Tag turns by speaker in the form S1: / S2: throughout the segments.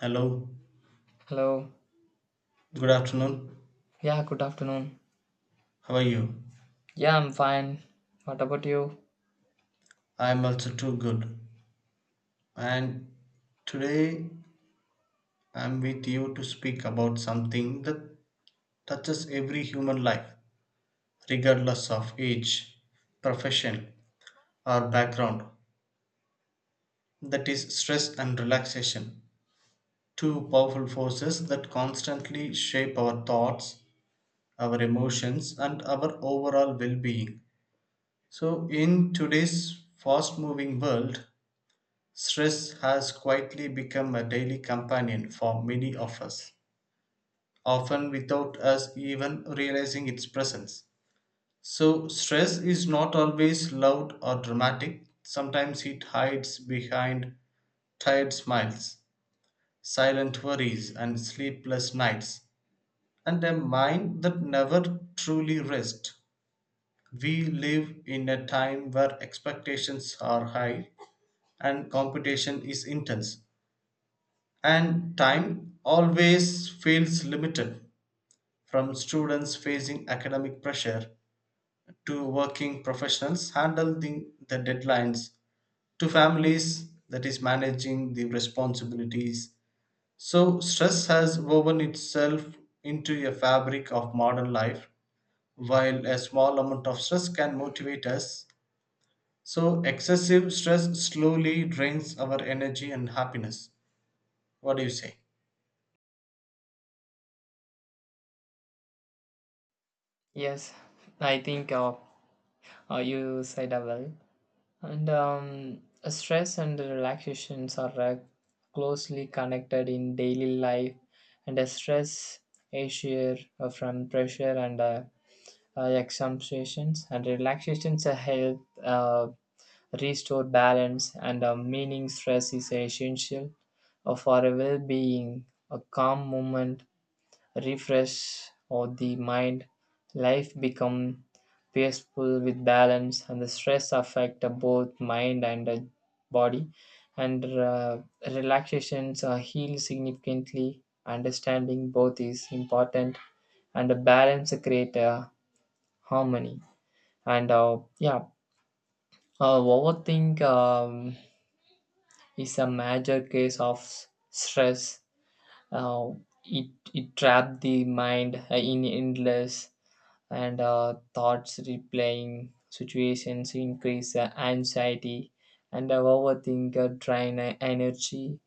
S1: Hello,
S2: Hello.
S1: good afternoon.
S2: Yeah, good afternoon.
S1: How are you?
S2: Yeah, I'm fine. What about you?
S1: I'm also too good. And today I'm with you to speak about something that touches every human life, regardless of age, profession, or background. That is stress and relaxation, two powerful forces that constantly shape our thoughts, our emotions, and our overall well being. So, in today's fast moving world, stress has quietly become a daily companion for many of us, often without us even realizing its presence. So, stress is not always loud or dramatic. Sometimes it hides behind tired smiles, silent worries, and sleepless nights, and a mind that never truly rests. We live in a time where expectations are high and competition is intense and time always feels limited, from students facing academic pressure to working professionals handling the deadlines to families that is managing the responsibilities. So stress has woven itself into a fabric of modern life. While a small amount of stress can motivate us, so excessive stress slowly drains our energy and happiness. What do you say?
S2: Yes, I think you said that well. And Stress and relaxations are closely connected in daily life, and stress is sheer from pressure and examinations, and relaxations help restore balance and meaning. Stress is essential for a well-being. A calm moment refresh of the mind, life become peaceful with balance, and the stress affect both mind and body, and relaxations are heal significantly. Understanding both is important, and a balance create a harmony. And yeah Overthink is a major case of stress. Uh, it, it trap the mind in endless and thoughts replaying situations increase anxiety, and our overthinker drain energy,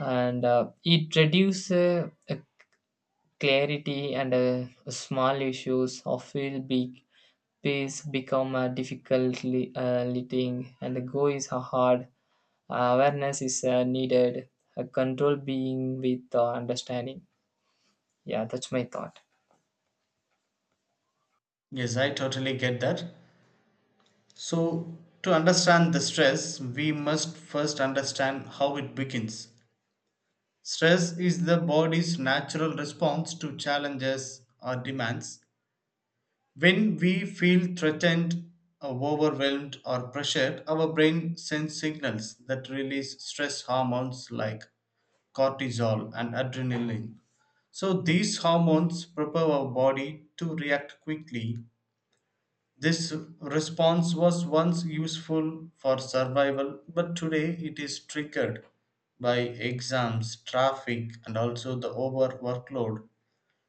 S2: and it reduces clarity, and small issues or feel big. Peace become a difficultly leading, and the go is a hard. Awareness is needed, a control being with understanding. Yeah, that's my thought.
S1: Yes, I totally get that. So, to understand the stress, we must first understand how it begins. Stress is the body's natural response to challenges or demands. When we feel threatened, or overwhelmed, or pressured, our brain sends signals that release stress hormones like cortisol and adrenaline. So, these hormones prepare our body to react quickly. This response was once useful for survival, but today it is triggered by exams, traffic, and also the over workload,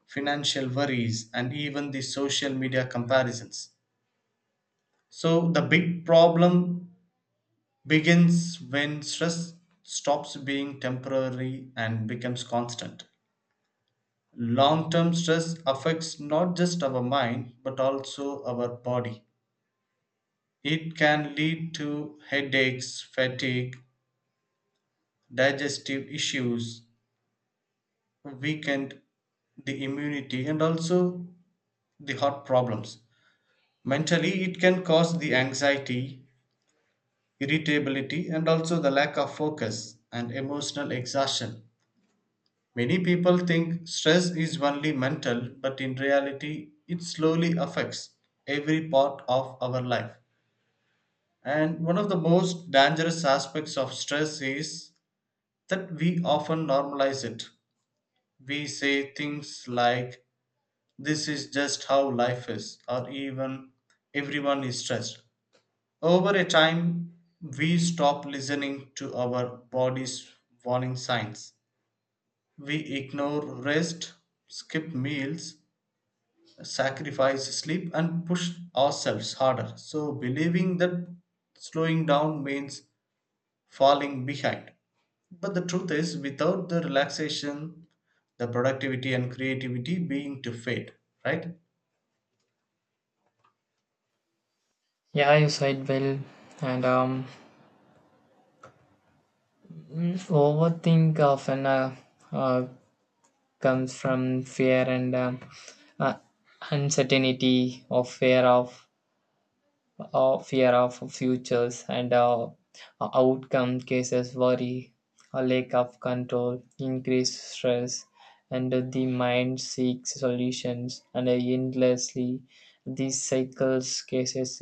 S1: financial worries, and even the social media comparisons. So, the big problem begins when stress stops being temporary and becomes constant. Long term stress affects not just our mind but also our body. It can lead to headaches, fatigue, digestive issues, weakened the immunity and also the heart problems. Mentally, it can cause the anxiety, irritability, and also the lack of focus and emotional exhaustion. Many people think stress is only mental, but in reality, it slowly affects every part of our life. And one of the most dangerous aspects of stress is that we often normalize it. We say things like, this is just how life is, or even everyone is stressed. Over a time, we stop listening to our body's warning signs. We ignore rest, skip meals, sacrifice sleep, and push ourselves harder. So, believing that slowing down means falling behind. But the truth is, without the relaxation, the productivity and creativity being to fade, right?
S2: Yeah, you said well. And Overthink often uh, comes from fear and uh, uncertainty of fear of futures, and outcome cases worry, a lack of control increased stress, and the mind seeks solutions and endlessly. These cycles cases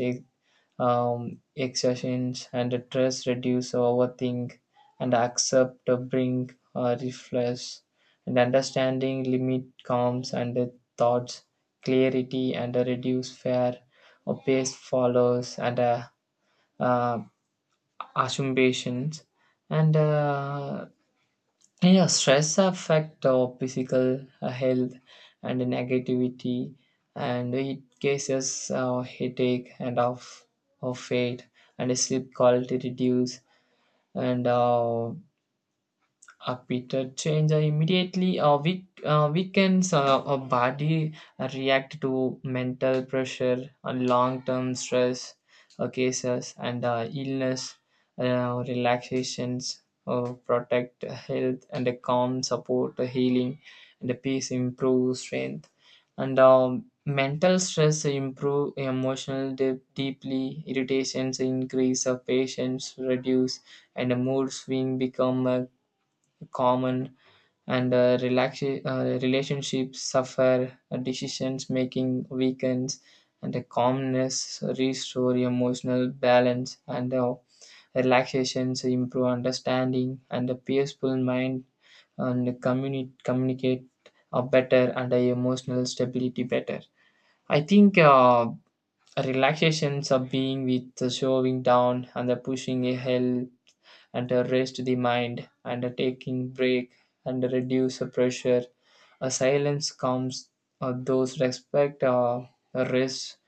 S2: exertions, and a stress reduce overthink and accept a bring reflex and understanding limit calms and the thoughts clarity and a reduce fear or pace follows and uh, assumptions. and uh, yeah, Stress affect our physical health and negativity, and it cases headache and of fate and sleep quality reduce, and a bitter change immediately weakens our body. React to mental pressure, long-term stress cases, and illness. Relaxations protect health, and a calm support the healing, and the peace improve strength. And Mental stress improve emotional depth deeply, irritations increase of patience reduce, and a mood swing become a common, and relationships suffer, decisions making weakens, and the calmness restore emotional balance, and relaxations improve understanding, and the peaceful mind and communicate better, and the emotional stability better. I think relaxations of being with the showing down and the pushing a hell and a rest the mind and a taking break and a reduce the pressure. A silence comes those respect a rest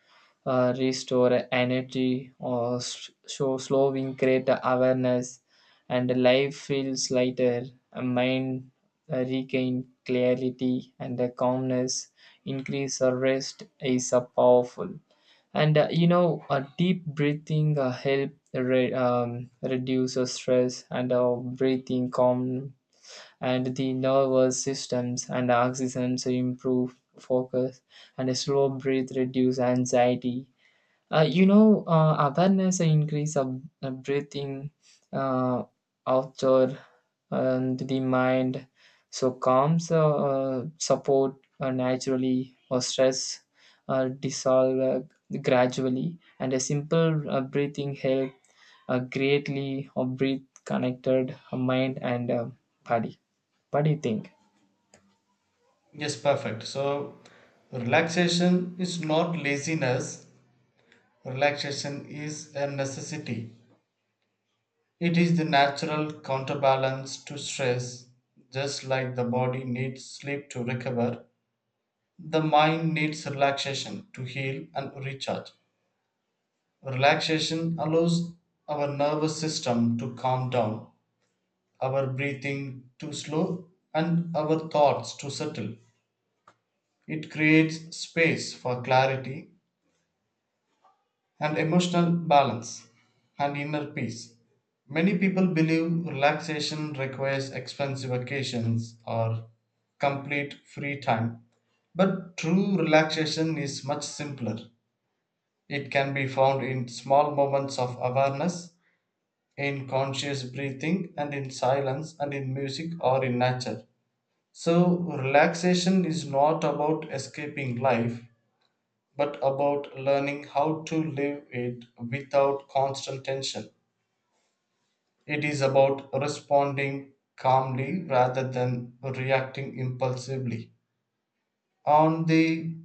S2: restore energy or show slowing create awareness, and life feels lighter, a mind regain clarity, and the calmness increase the rest is powerful. A deep breathing help reduce the stress, and breathing calm and the nervous systems and oxygen so improve focus, and a slow breath reduce anxiety. Awareness and increase of breathing, uh, outdoor and the mind. So calms support naturally or stress dissolve gradually, and a simple breathing help greatly or breathe connected mind and body. What do you think?
S1: Yes, perfect. So, relaxation is not laziness, relaxation is a necessity. It is the natural counterbalance to stress. Just like the body needs sleep to recover, the mind needs relaxation to heal and recharge. Relaxation allows our nervous system to calm down, our breathing too slow, and our thoughts too subtle. It creates space for clarity and emotional balance and inner peace. Many people believe relaxation requires expensive vacations or complete free time, but true relaxation is much simpler. It can be found in small moments of awareness, in conscious breathing, and in silence, and in music or in nature. So, relaxation is not about escaping life, but about learning how to live it without constant tension. It is about responding calmly rather than reacting impulsively. On the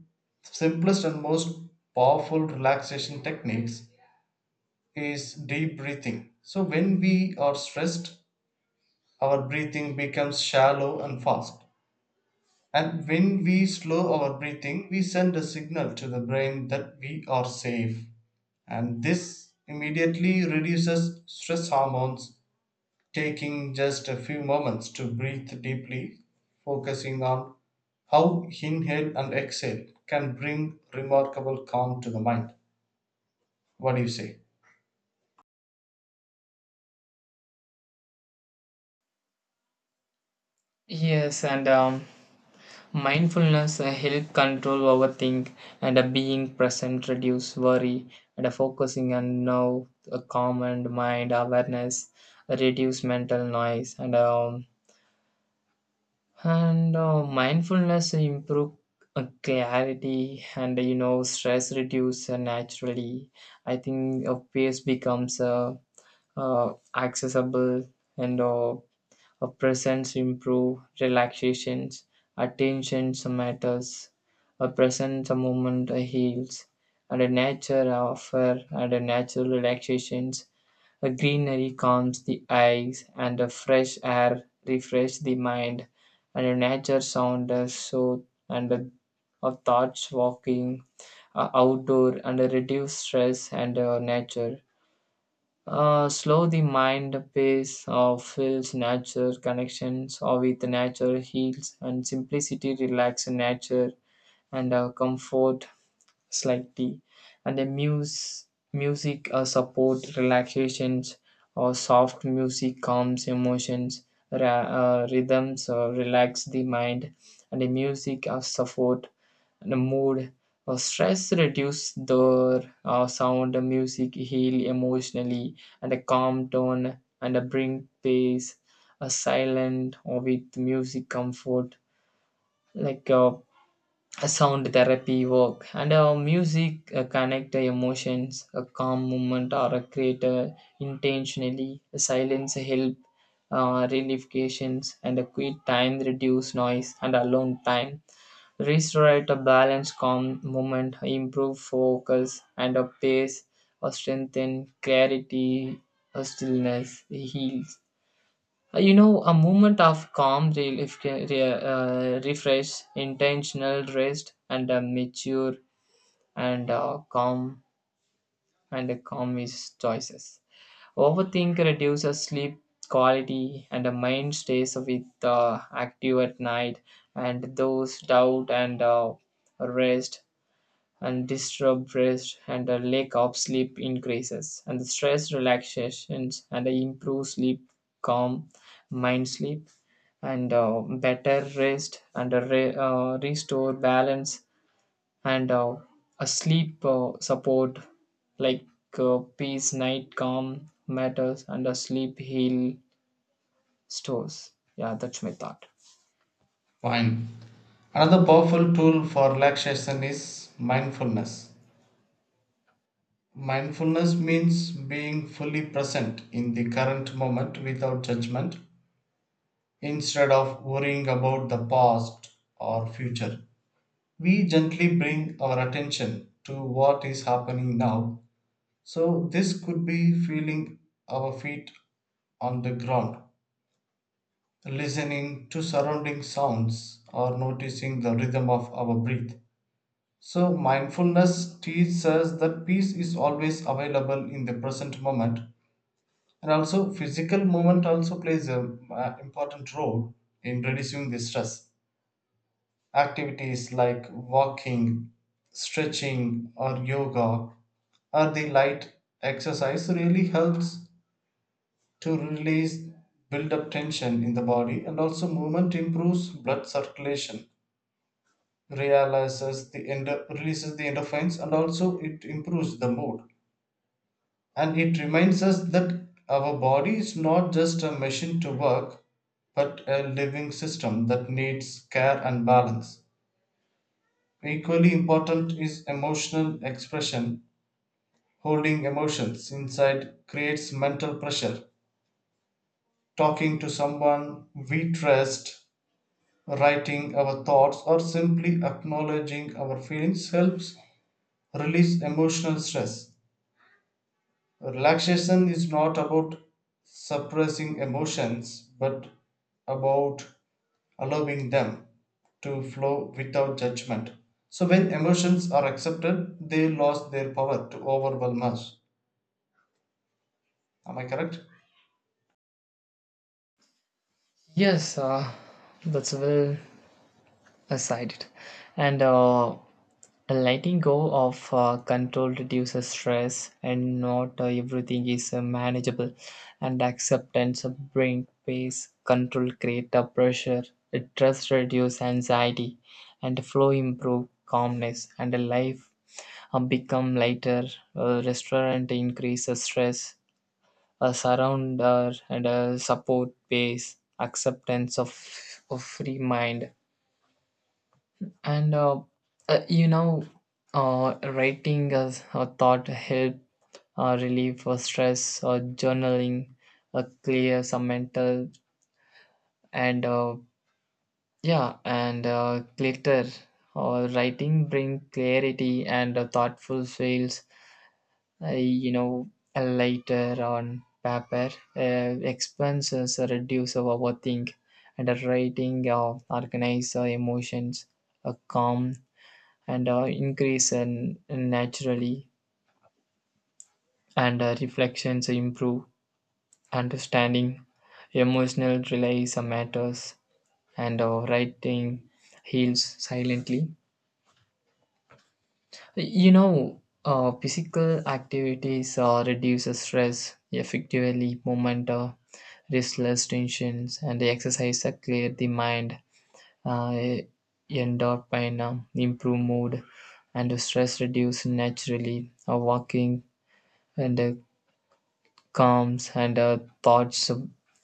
S1: simplest and most powerful relaxation techniques is deep breathing. So, when we are stressed, our breathing becomes shallow and fast. And when we slow our breathing, we send a signal to the brain that we are safe. And this immediately reduces stress hormones, taking just a few moments to breathe deeply, focusing on how inhale and exhale can bring remarkable calm to the mind. What do you say?
S2: Yes, and mindfulness help control overthink, and being present reduce worry, and focusing on now a calm and mind awareness reduce mental noise, and mindfulness improve clarity, and stress reduce naturally. I think pace becomes accessible, and a presence improve relaxations, attention matters. A presence a moment a heals, and a nature offer and a natural relaxations. A greenery calms the eyes, and a fresh air refresh the mind, and a nature sound a soothe and a thoughts walking, a outdoor and a reduce stress and a nature. Slow the mind pace of feels nature connections or with nature heals and simplicity relax nature, and comfort slightly, and the muse music support relaxations or soft music calms emotions, rhythms relax the mind, and the music support the mood or stress reduce the sound, the music heal emotionally, and a calm tone and a bring peace, a silent or with music comfort like a sound therapy work, and music connect the emotions, a calm moment or a creator intentionally, a silence help relifications, and a quiet time reduce noise, and alone time restore a balance, calm moment improve focus and a pace or strengthen clarity or stillness heals. You know, a moment of calm, relief, refresh, intentional rest, and a mature, and calm, and a calm is choices. Overthink reduces sleep quality, and the mind stays with active at night, and those doubt and rest and disturbed rest, and the lack of sleep increases, and the stress relaxations, and the improved sleep calm mind sleep, and better rest, and a restore balance, and a sleep support like peace, night calm matters, and a sleep heal stores. Yeah, that's my thought.
S1: Fine. Another powerful tool for relaxation is mindfulness. Mindfulness means being fully present in the current moment without judgment, instead of worrying about the past or future. We gently bring our attention to what is happening now. So, this could be feeling our feet on the ground, listening to surrounding sounds, or noticing the rhythm of our breath. So, mindfulness teaches us that peace is always available in the present moment. And also physical movement also plays an important role in reducing the stress. Activities like walking, stretching or yoga, or the light exercise really helps to release build up tension in the body, and also movement improves blood circulation, realizes the releases the endorphins, and also it improves the mood. And it reminds us that our body is not just a machine to work, but a living system that needs care and balance. Equally important is emotional expression. Holding emotions inside creates mental pressure. Talking to someone we trust, writing our thoughts, or simply acknowledging our feelings helps release emotional stress. Relaxation is not about suppressing emotions but about allowing them to flow without judgment. So, when emotions are accepted, they lose their power to overwhelm us. Am I correct?
S2: Yes, that's well. Aside, I. And Letting go of control reduces stress, and not everything is manageable. And acceptance brings peace, control creates a pressure, trust reduces anxiety, and flow improve calmness, and life become lighter. Restaurant increases stress, a surrounder and a support base, acceptance of free mind, and you know writing as a thought help relieve for stress or journaling clear some mental, and yeah and glitter or writing bring clarity, and thoughtful feels, uh, you know lighter on paper, expenses reduce our overthink, and writing organize our emotions, calm, and increase and naturally, and reflections improve understanding, emotional release matters, and writing heals silently. You know, physical activities reduces stress effectively, movement restless tensions, and the exercise that clear the mind, uh, endorphin improve mood, and the stress reduce naturally, walking and calms and thoughts,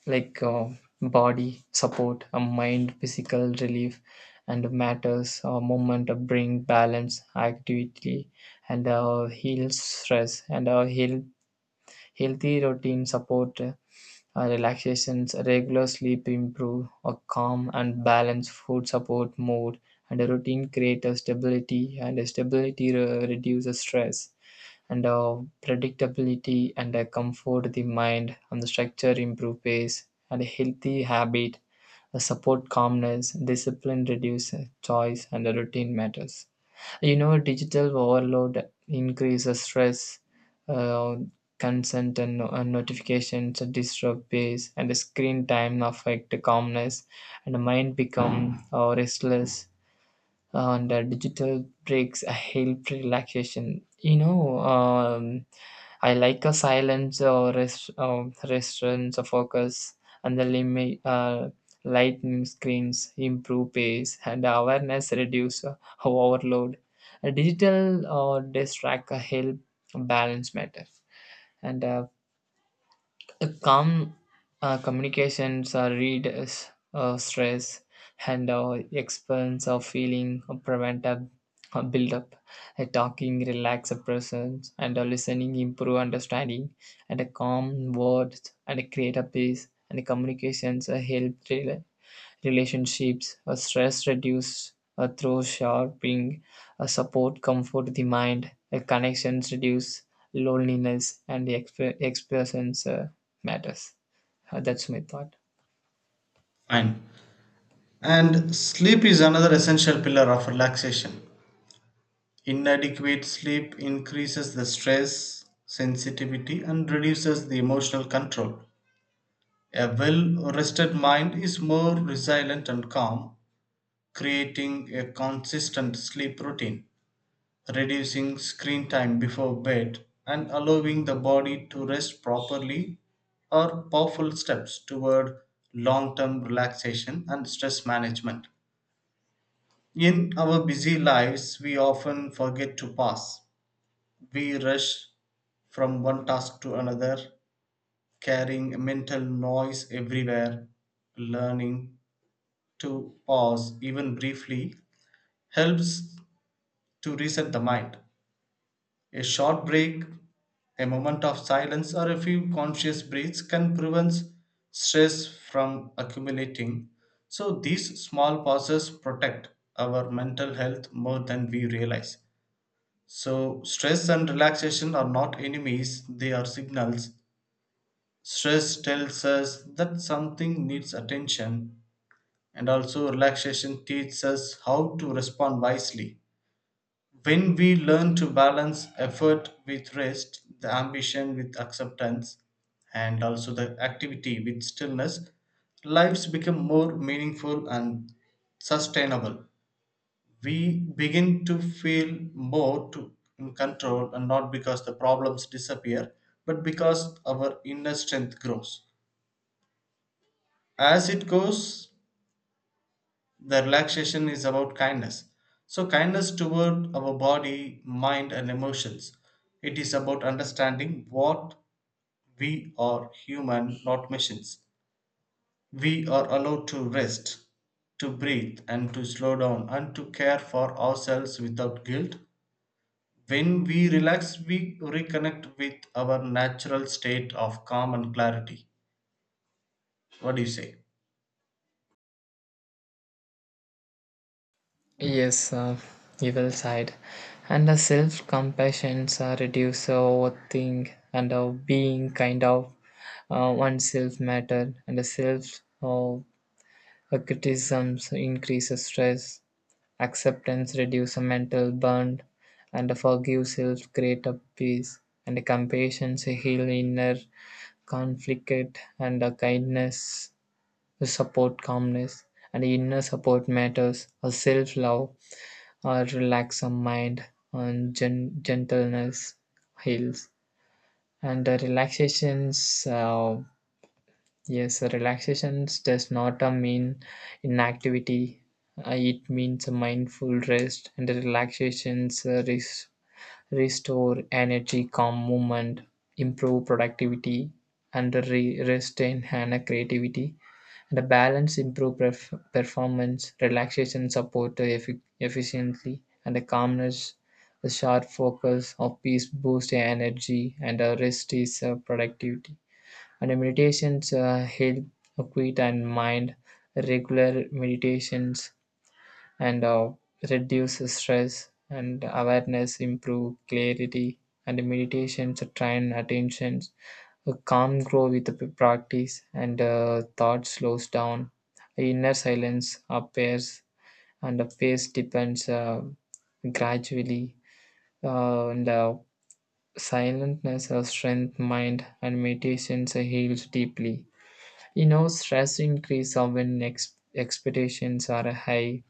S2: like uh, body support a mind, physical relief and matters, a moment bring balance activity, and heals stress, and healthy routine support relaxations, regular sleep improve a calm and balance, food support mood, and a routine create a stability, and a stability reduces stress, and predictability, and comfort the mind, and the structure improve pace and a healthy habit support calmness, discipline reduce choice, and the routine matters. You know, digital overload increases stress, uh, consent and no- and notifications disrupt pace, and the screen time affect the calmness, and the mind become restless, and digital breaks help relaxation. You know, I like a silence or rest, restaurants or focus, and the limit, lightning screens improve pace, and awareness reduce overload. A digital or distract help balance matter, and calm communications reduce stress, and expense of feeling prevent a build-up. A talking relax a person, and a listening improve understanding, and a calm words and a create a peace, and a communications help relationships, a stress reduced a through sharpening, a support comfort the mind, a connections reduce loneliness, and the expressions matters. That's my thought.
S1: Fine. And sleep is another essential pillar of relaxation. Inadequate sleep increases the stress, sensitivity, and reduces the emotional control. A well rested mind is more resilient and calm, creating a consistent sleep routine, reducing screen time before bed, and allowing the body to rest properly are powerful steps toward long term relaxation and stress management. In our busy lives, we often forget to pause. We rush from one task to another, carrying mental noise everywhere. Learning to pause, even briefly, helps to reset the mind. A short break, a moment of silence, or a few conscious breaths can prevent stress from accumulating. So, these small pauses protect our mental health more than we realize. So, stress and relaxation are not enemies, they are signals. Stress tells us that something needs attention, and also relaxation teaches us how to respond wisely. When we learn to balance effort with rest, the ambition with acceptance, and also the activity with stillness, lives become more meaningful and sustainable. We begin to feel more to, in control, and not because the problems disappear, but because our inner strength grows. As it goes, the relaxation is about kindness, so kindness toward our body, mind and emotions. It is about understanding what we are, human not machines. We are allowed to rest, to breathe and to slow down and to care for ourselves without guilt. When we relax, we reconnect with our natural state of calm and clarity. What do you say?
S2: Yes, evil side, and the self compassions reduce overthink, and being kind of oneself matter, and the self criticisms increase stress. Acceptance reduces mental burden, and forgives helps create a peace, and a compassion heals inner conflict, and a kindness support calmness, and inner support matters, a self-love, or relax a relaxed mind, and gentleness heals. And the relaxations Yes, relaxation does not mean inactivity. It means a mindful rest, and the relaxations restore energy, calm movement, improve productivity, and the rest enhance creativity. And the balance improve performance. Relaxation support efficiently, and the calmness, the sharp focus of peace boost energy, and the rest is productivity, and the meditations help quit and mind, regular meditations, and reduce stress, and awareness improve clarity, and the meditations train attentions, a calm grow with the practice, and thought slows down, inner silence appears, and the face depends gradually, and silentness strength mind, and meditations heals deeply. You know, stress increases when expectations are high,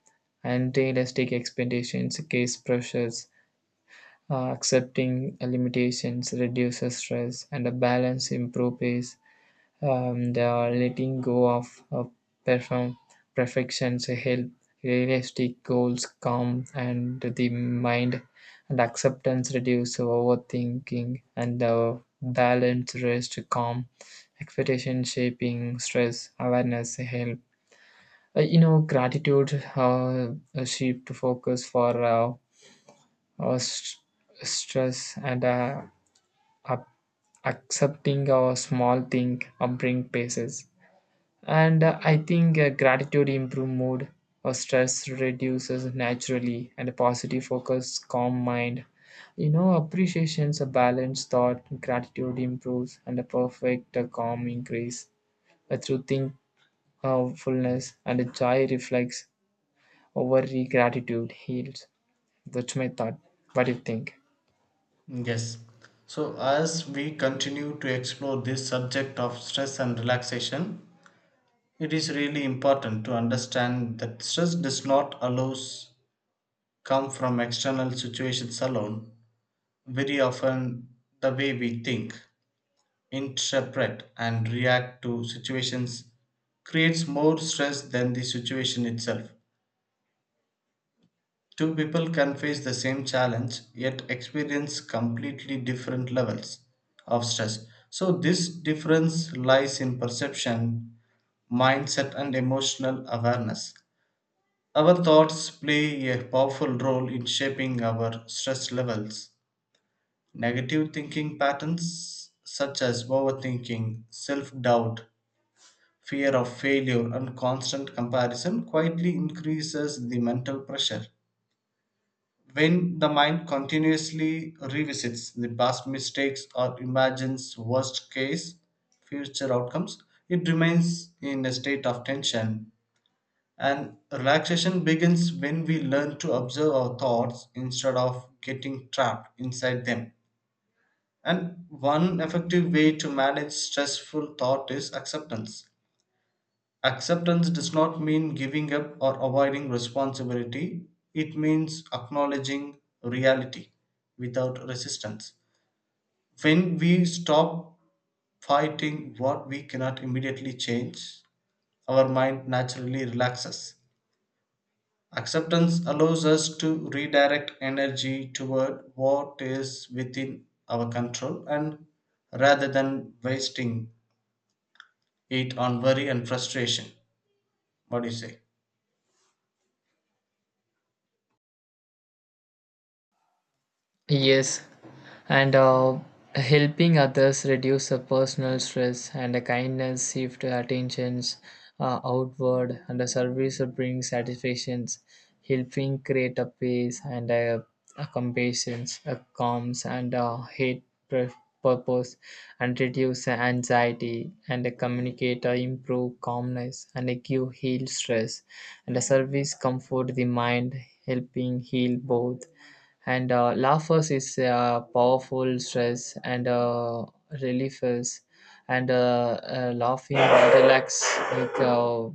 S2: and realistic expectations case pressures. Accepting limitations reduces stress, and a balance improves. They are letting go of perform perfections help, realistic goals calm and the mind, and acceptance reduce overthinking, and the balance rest calm, expectation shaping stress awareness help. You know, gratitude uh, shift focus for uh, st- stress, and up accepting a small thing or bring paces, and I think gratitude improve mood or stress reduces naturally, and a positive focus calm mind. You know, appreciations a balanced thought, gratitude improves, and a perfect calm increase through thankfulness, and a joy reflects over, gratitude heals. That's my thought. What do you think?
S1: Yes. So, as we continue to explore this subject of stress and relaxation, it is really important to understand that stress does not allows come from external situations alone. Very often, the way we think, interpret, and react to situations creates more stress than the situation itself. Two people can face the same challenge yet experience completely different levels of stress. So, this difference lies in perception, mindset, and emotional awareness. Our thoughts play a powerful role in shaping our stress levels. Negative thinking patterns, such as overthinking, self doubt, fear of failure, and constant comparison, quietly increases the mental pressure. When the mind continuously revisits the past mistakes or imagines worst case future outcomes, it remains in a state of tension. And relaxation begins when we learn to observe our thoughts instead of getting trapped inside them. And one effective way to manage stressful thought is acceptance. Acceptance does not mean giving up or avoiding responsibility. It means acknowledging reality without resistance. When we stop fighting what we cannot immediately change, our mind naturally relaxes. Acceptance allows us to redirect energy toward what is within our control and rather than wasting it on worry and frustration. What do you say?
S2: Yes, and helping others reduce the personal stress, and the kindness shift attentions outward, and the service brings satisfactions, helping create a peace, and a compassion a calms, and a hate purpose, and reduce the anxiety, and the communicate or improve calmness, and a give heal stress, and the service comfort the mind, helping heal both, and laughers is powerful stress and relievers, and laughing relax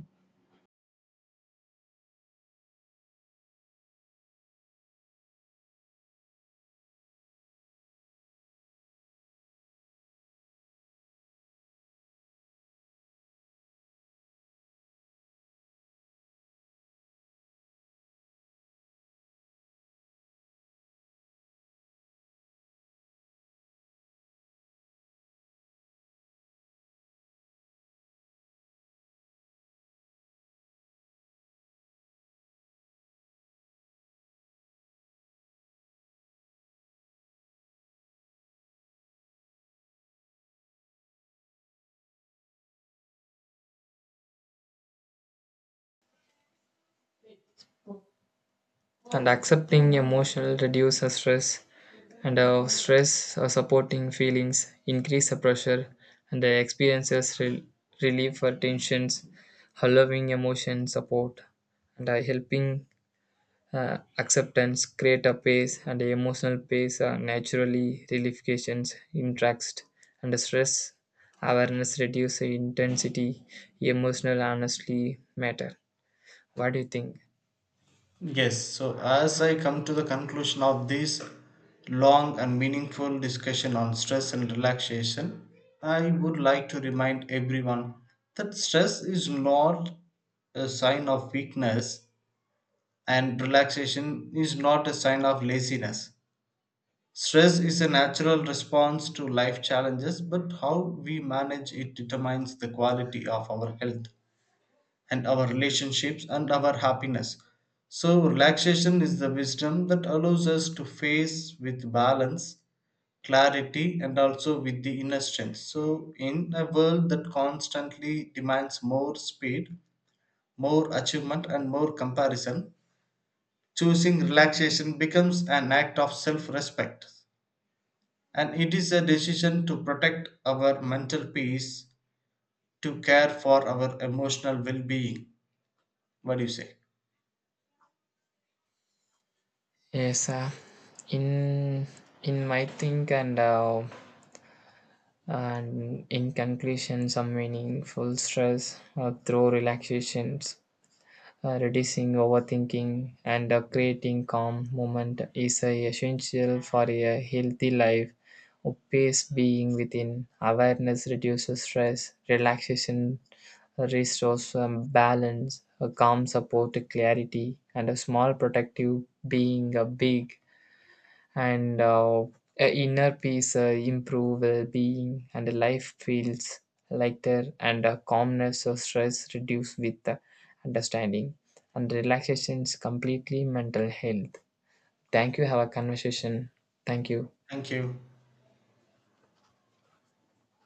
S2: and accepting emotional reduces stress, and stress supporting feelings increase the pressure, and the experiences relieve for tensions, allowing emotion support, and helping acceptance create a pace, and emotional pace naturally relifications interest, and stress awareness reduce intensity, emotional honestly matter. What do you think?
S1: Yes, so as I come to the conclusion of this long and meaningful discussion on stress and relaxation, I would like to remind everyone that stress is not a sign of weakness and relaxation is not a sign of laziness. Stress is a natural response to life challenges, but how we manage it determines the quality of our health and our relationships and our happiness. So, relaxation is the wisdom that allows us to face with balance, clarity, and also with the inner strength. So, in a world that constantly demands more speed, more achievement, and more comparison, choosing relaxation becomes an act of self respect. And it is a decision to protect our mental peace, to care for our emotional well being. What do you say?
S2: Yes, in my think, and in conclusion, some meaningful stress through relaxations. Reducing overthinking and creating calm moment is essential for a healthy life. A peace being within awareness reduces stress, relaxation restores balance, a calm support clarity, and a small protective being a big, and a inner peace improve well-being, and life feels lighter, and calmness or stress reduce with understanding, and relaxation is completely mental health. Thank you, have a conversation. Thank you.
S1: Thank you.